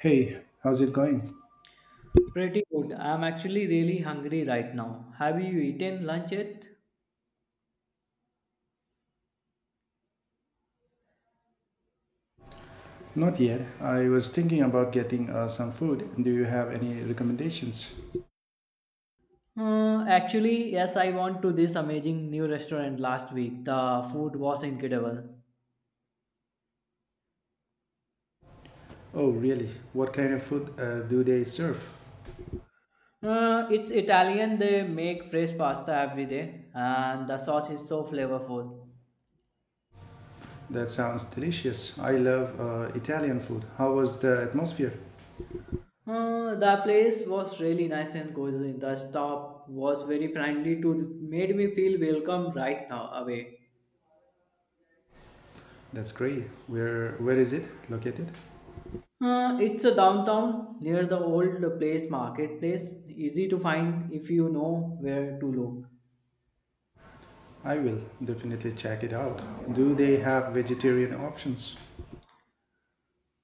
Hey, how's it going? Pretty good. I'm actually really hungry right now. Have you eaten lunch yet? Not yet. I was thinking about getting some food. Do you have any recommendations? Actually, yes, I went to this amazing new restaurant last week. The food was incredible. Oh, really? What kind of food do they serve? It's Italian, they make fresh pasta every day, and the sauce is so flavorful. That sounds delicious. I love Italian food. How was the atmosphere? The place was really nice and cozy. The staff was very friendly to made me feel welcome right now away. That's great. Where is it located? It's a downtown near the old place marketplace. Easy to find if you know where to look. I will definitely check it out. Do they have vegetarian options?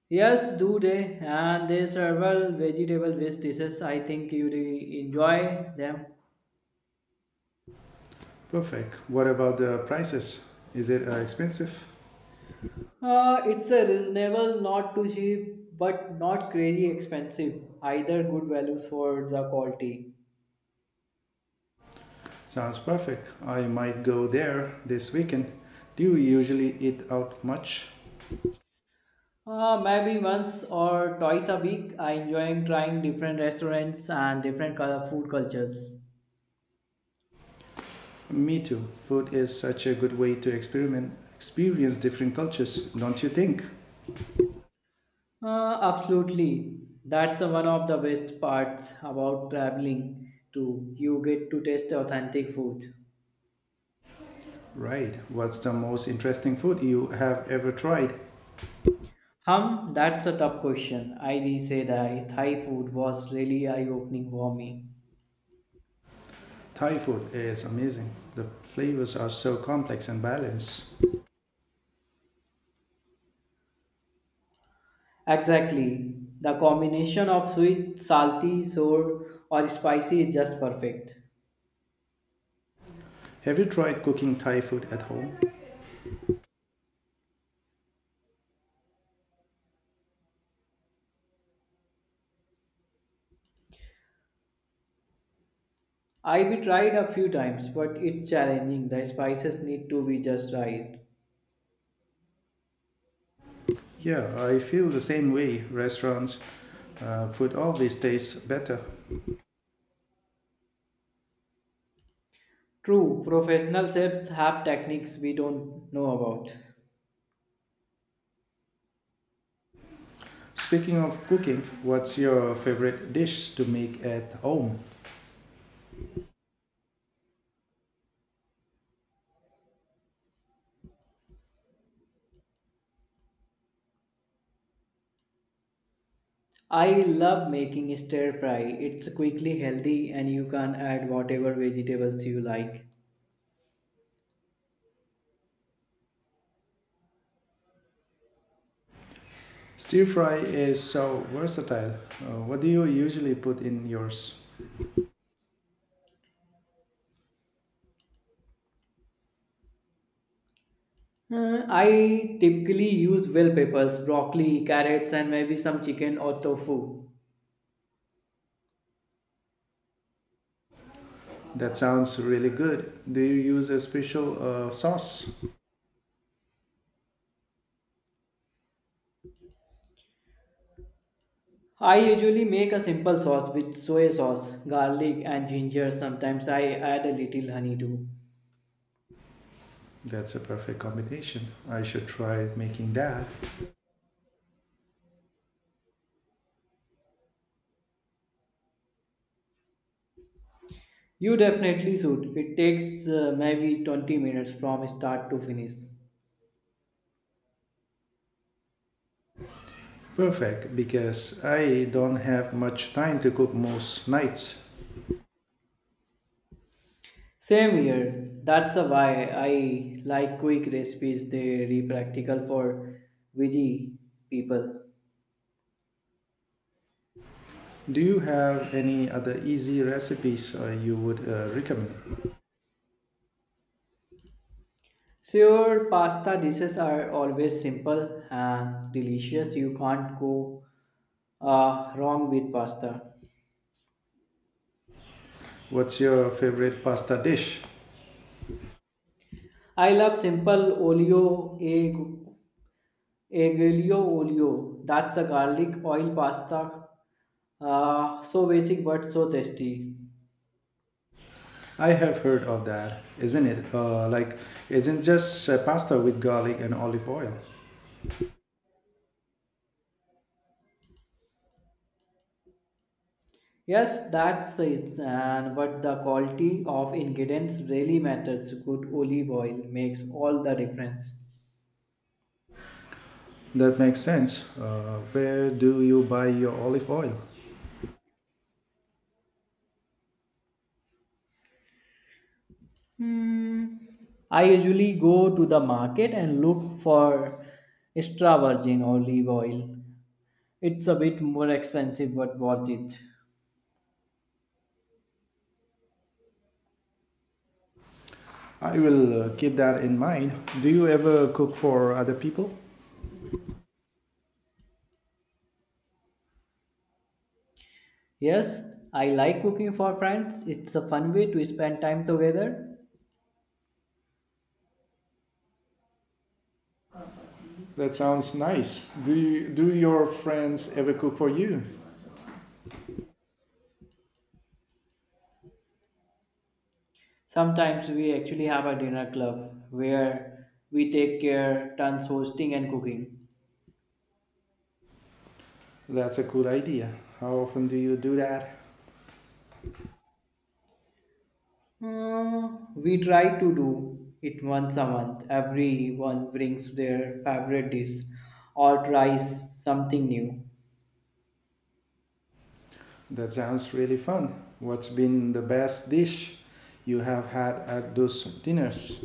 Yes, do they? And they several vegetable based dishes. I think you'd enjoy them. Perfect. What about the prices? Is it expensive? It's a reasonable, not too cheap, but not crazy expensive. Either good values for the quality. Sounds perfect. I might go there this weekend. Do you usually eat out much? Maybe once or twice a week. I enjoy trying different restaurants and different food cultures. Me too. Food is such a good way to experience different cultures, don't you think? Absolutely. That's one of the best parts about traveling too. You get to taste authentic food. Right. What's the most interesting food you have ever tried? That's a tough question. I re say that Thai food was really eye-opening for me. Thai food is amazing. The flavors are so complex and balanced. Exactly. The combination of sweet, salty, sour, or spicy is just perfect. Have you tried cooking Thai food at home? I be tried a few times, but it's challenging. The spices need to be just right. Yeah, I feel the same way. Restaurants food always tastes better. True, professional chefs have techniques we don't know about. Speaking of cooking, what's your favorite dish to make at home? I love making stir fry. It's quickly healthy and you can add whatever vegetables you like. Stir fry is so versatile. What do you usually put in yours? I typically use bell peppers, broccoli, carrots, and maybe some chicken or tofu. That sounds really good. Do you use a special sauce? I usually make a simple sauce with soy sauce, garlic, and ginger. Sometimes I add a little honey too. That's a perfect combination. I should try making that. You definitely should. It takes maybe 20 minutes from start to finish. Perfect, because I don't have much time to cook most nights. Same here. That's a why I like quick recipes. They are practical for veggie people. Do you have any other easy recipes you would recommend? Sure, pasta dishes are always simple and delicious. You can't go wrong with pasta. What's your favorite pasta dish? I love simple olio egg, aglio olio. That's a garlic oil pasta. So basic but so tasty. I have heard of that. Isn't it? Isn't just pasta with garlic and olive oil? Yes, that's it. And but the quality of ingredients really matters. Good olive oil makes all the difference. That makes sense. Where do you buy your olive oil? Hmm. I usually go to the market and look for extra virgin olive oil. It's a bit more expensive but worth it. I will keep that in mind. Do you ever cook for other people? Yes, I like cooking for friends. It's a fun way to spend time together. That sounds nice. Do your friends ever cook for you? Sometimes we actually have a dinner club where we take care turns hosting and cooking. That's a cool idea. How often do you do that? We try to do it once a month. Everyone brings their favorite dish or tries something new. That sounds really fun. What's been the best dish you have had at those dinners?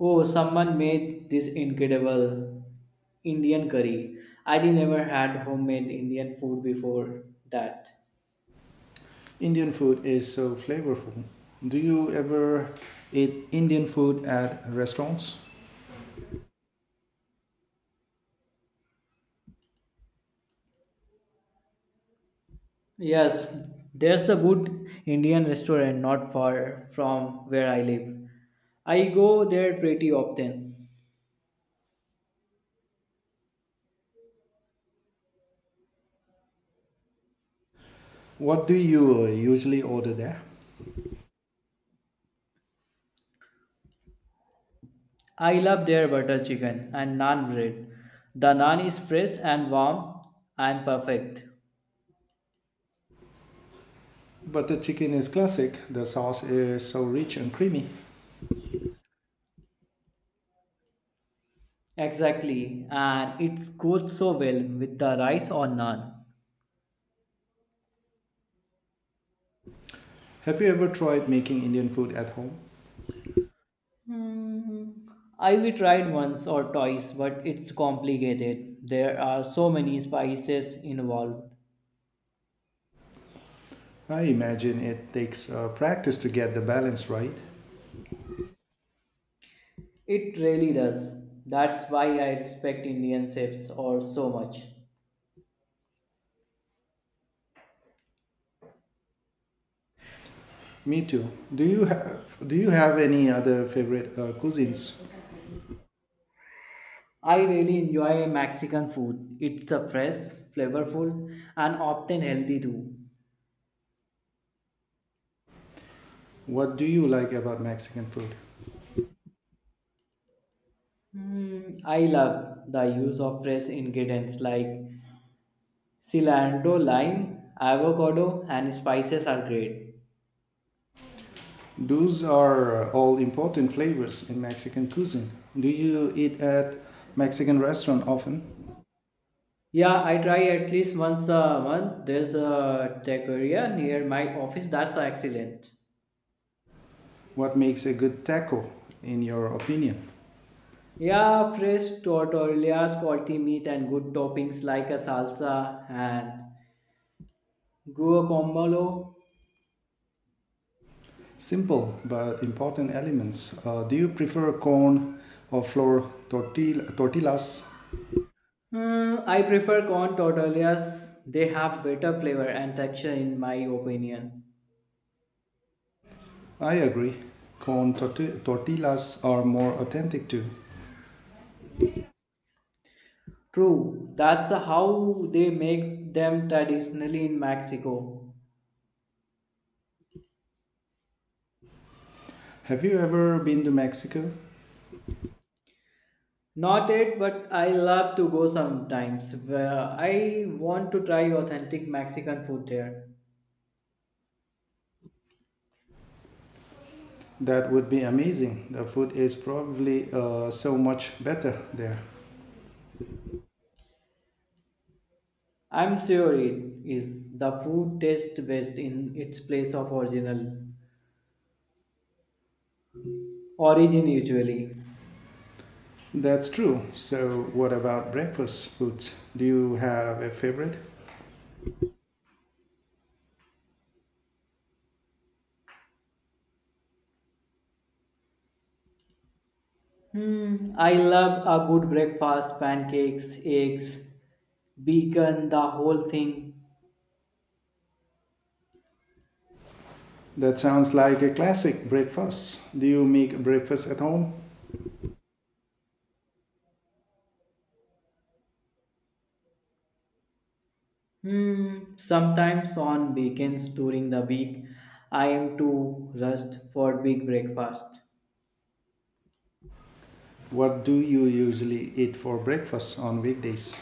Oh, someone made this incredible Indian curry. I did never had homemade Indian food before that. Indian food is so flavorful. Do you ever eat Indian food at restaurants? Yes, there's a good Indian restaurant not far from where I live. I go there pretty often. What do you usually order there? I love their butter chicken and naan bread. The naan is fresh and warm and perfect. Butter chicken is classic. The sauce is so rich and creamy. Exactly, and it goes so well with the rice or naan. Have you ever tried making Indian food at home? Hmm. I we tried once or twice, but it's complicated. There are so many spices involved. I imagine it takes practice to get the balance right. It really does. That's why I respect Indian chefs or so much. Me too. Do you have any other favorite cuisines? I really enjoy Mexican food. It's a fresh, flavorful, and often healthy too. What do you like about Mexican food? I love the use of fresh ingredients like cilantro, lime, avocado, and spices are great. Those are all important flavors in Mexican cuisine. Do you eat at Mexican restaurant often? Yeah, I try at least once a month. There's a taqueria near my office that's excellent. What makes a good taco in your opinion? Yeah, fresh tortillas, quality meat, and good toppings like a salsa and guacamole. Simple but important elements. Do you prefer corn or flour tortillas? I prefer corn tortillas. They have better flavor and texture in my opinion. I agree. Corn tortillas are more authentic too. True, that's how they make them traditionally in Mexico. Have you ever been to Mexico? Not yet, but I love to go sometimes. Where I want to try authentic Mexican food there. That would be amazing. The food is probably so much better there. I'm sure it is. The food tastes best in its place of original origin usually. That's true. So, what about breakfast foods? Do you have a favorite? I love a good breakfast, pancakes, eggs, bacon, the whole thing. That sounds like a classic breakfast. Do you make breakfast at home? Sometimes on weekends during the week, I am too rushed for big breakfast. What do you usually eat for breakfast on weekdays?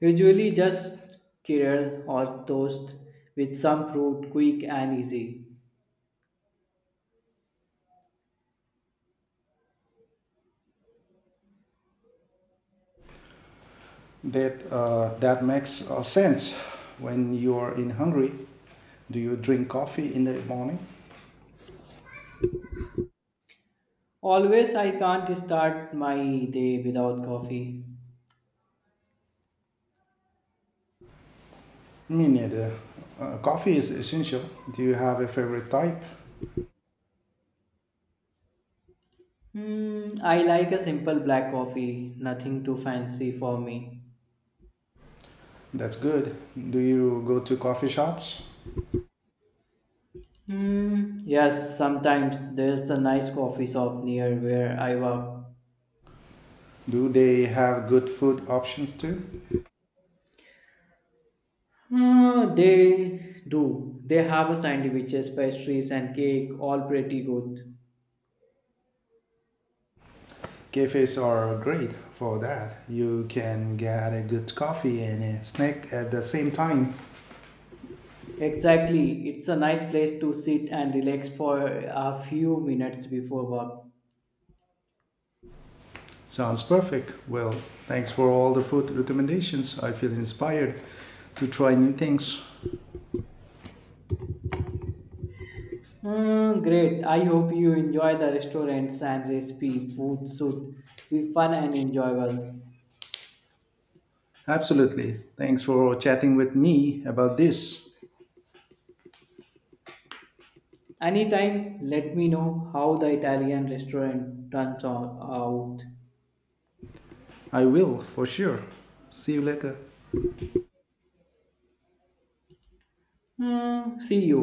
Usually just kirill or toast with some fruit, quick and easy. That makes sense when you are in Hungary. Do you drink coffee in the morning? Always I can't start my day without coffee. Me neither. Coffee is essential. Do you have a favorite type? I like a simple black coffee, nothing too fancy for me. That's good. Do you go to coffee shops? Yes, sometimes there's a nice coffee shop near where I work. Do they have good food options too? They do. They have a sandwiches, pastries, and cake, all pretty good. Cafes are great for that. You can get a good coffee and a snack at the same time. Exactly. It's a nice place to sit and relax for a few minutes before work. Sounds perfect. Well, thanks for all the food recommendations. I feel inspired to try new things. Mm, great. I hope you enjoy the restaurants and recipe. Food should be fun and enjoyable. Absolutely. Thanks for chatting with me about this. Anytime, let me know how the Italian restaurant turns out. I will, for sure. See you later. See you.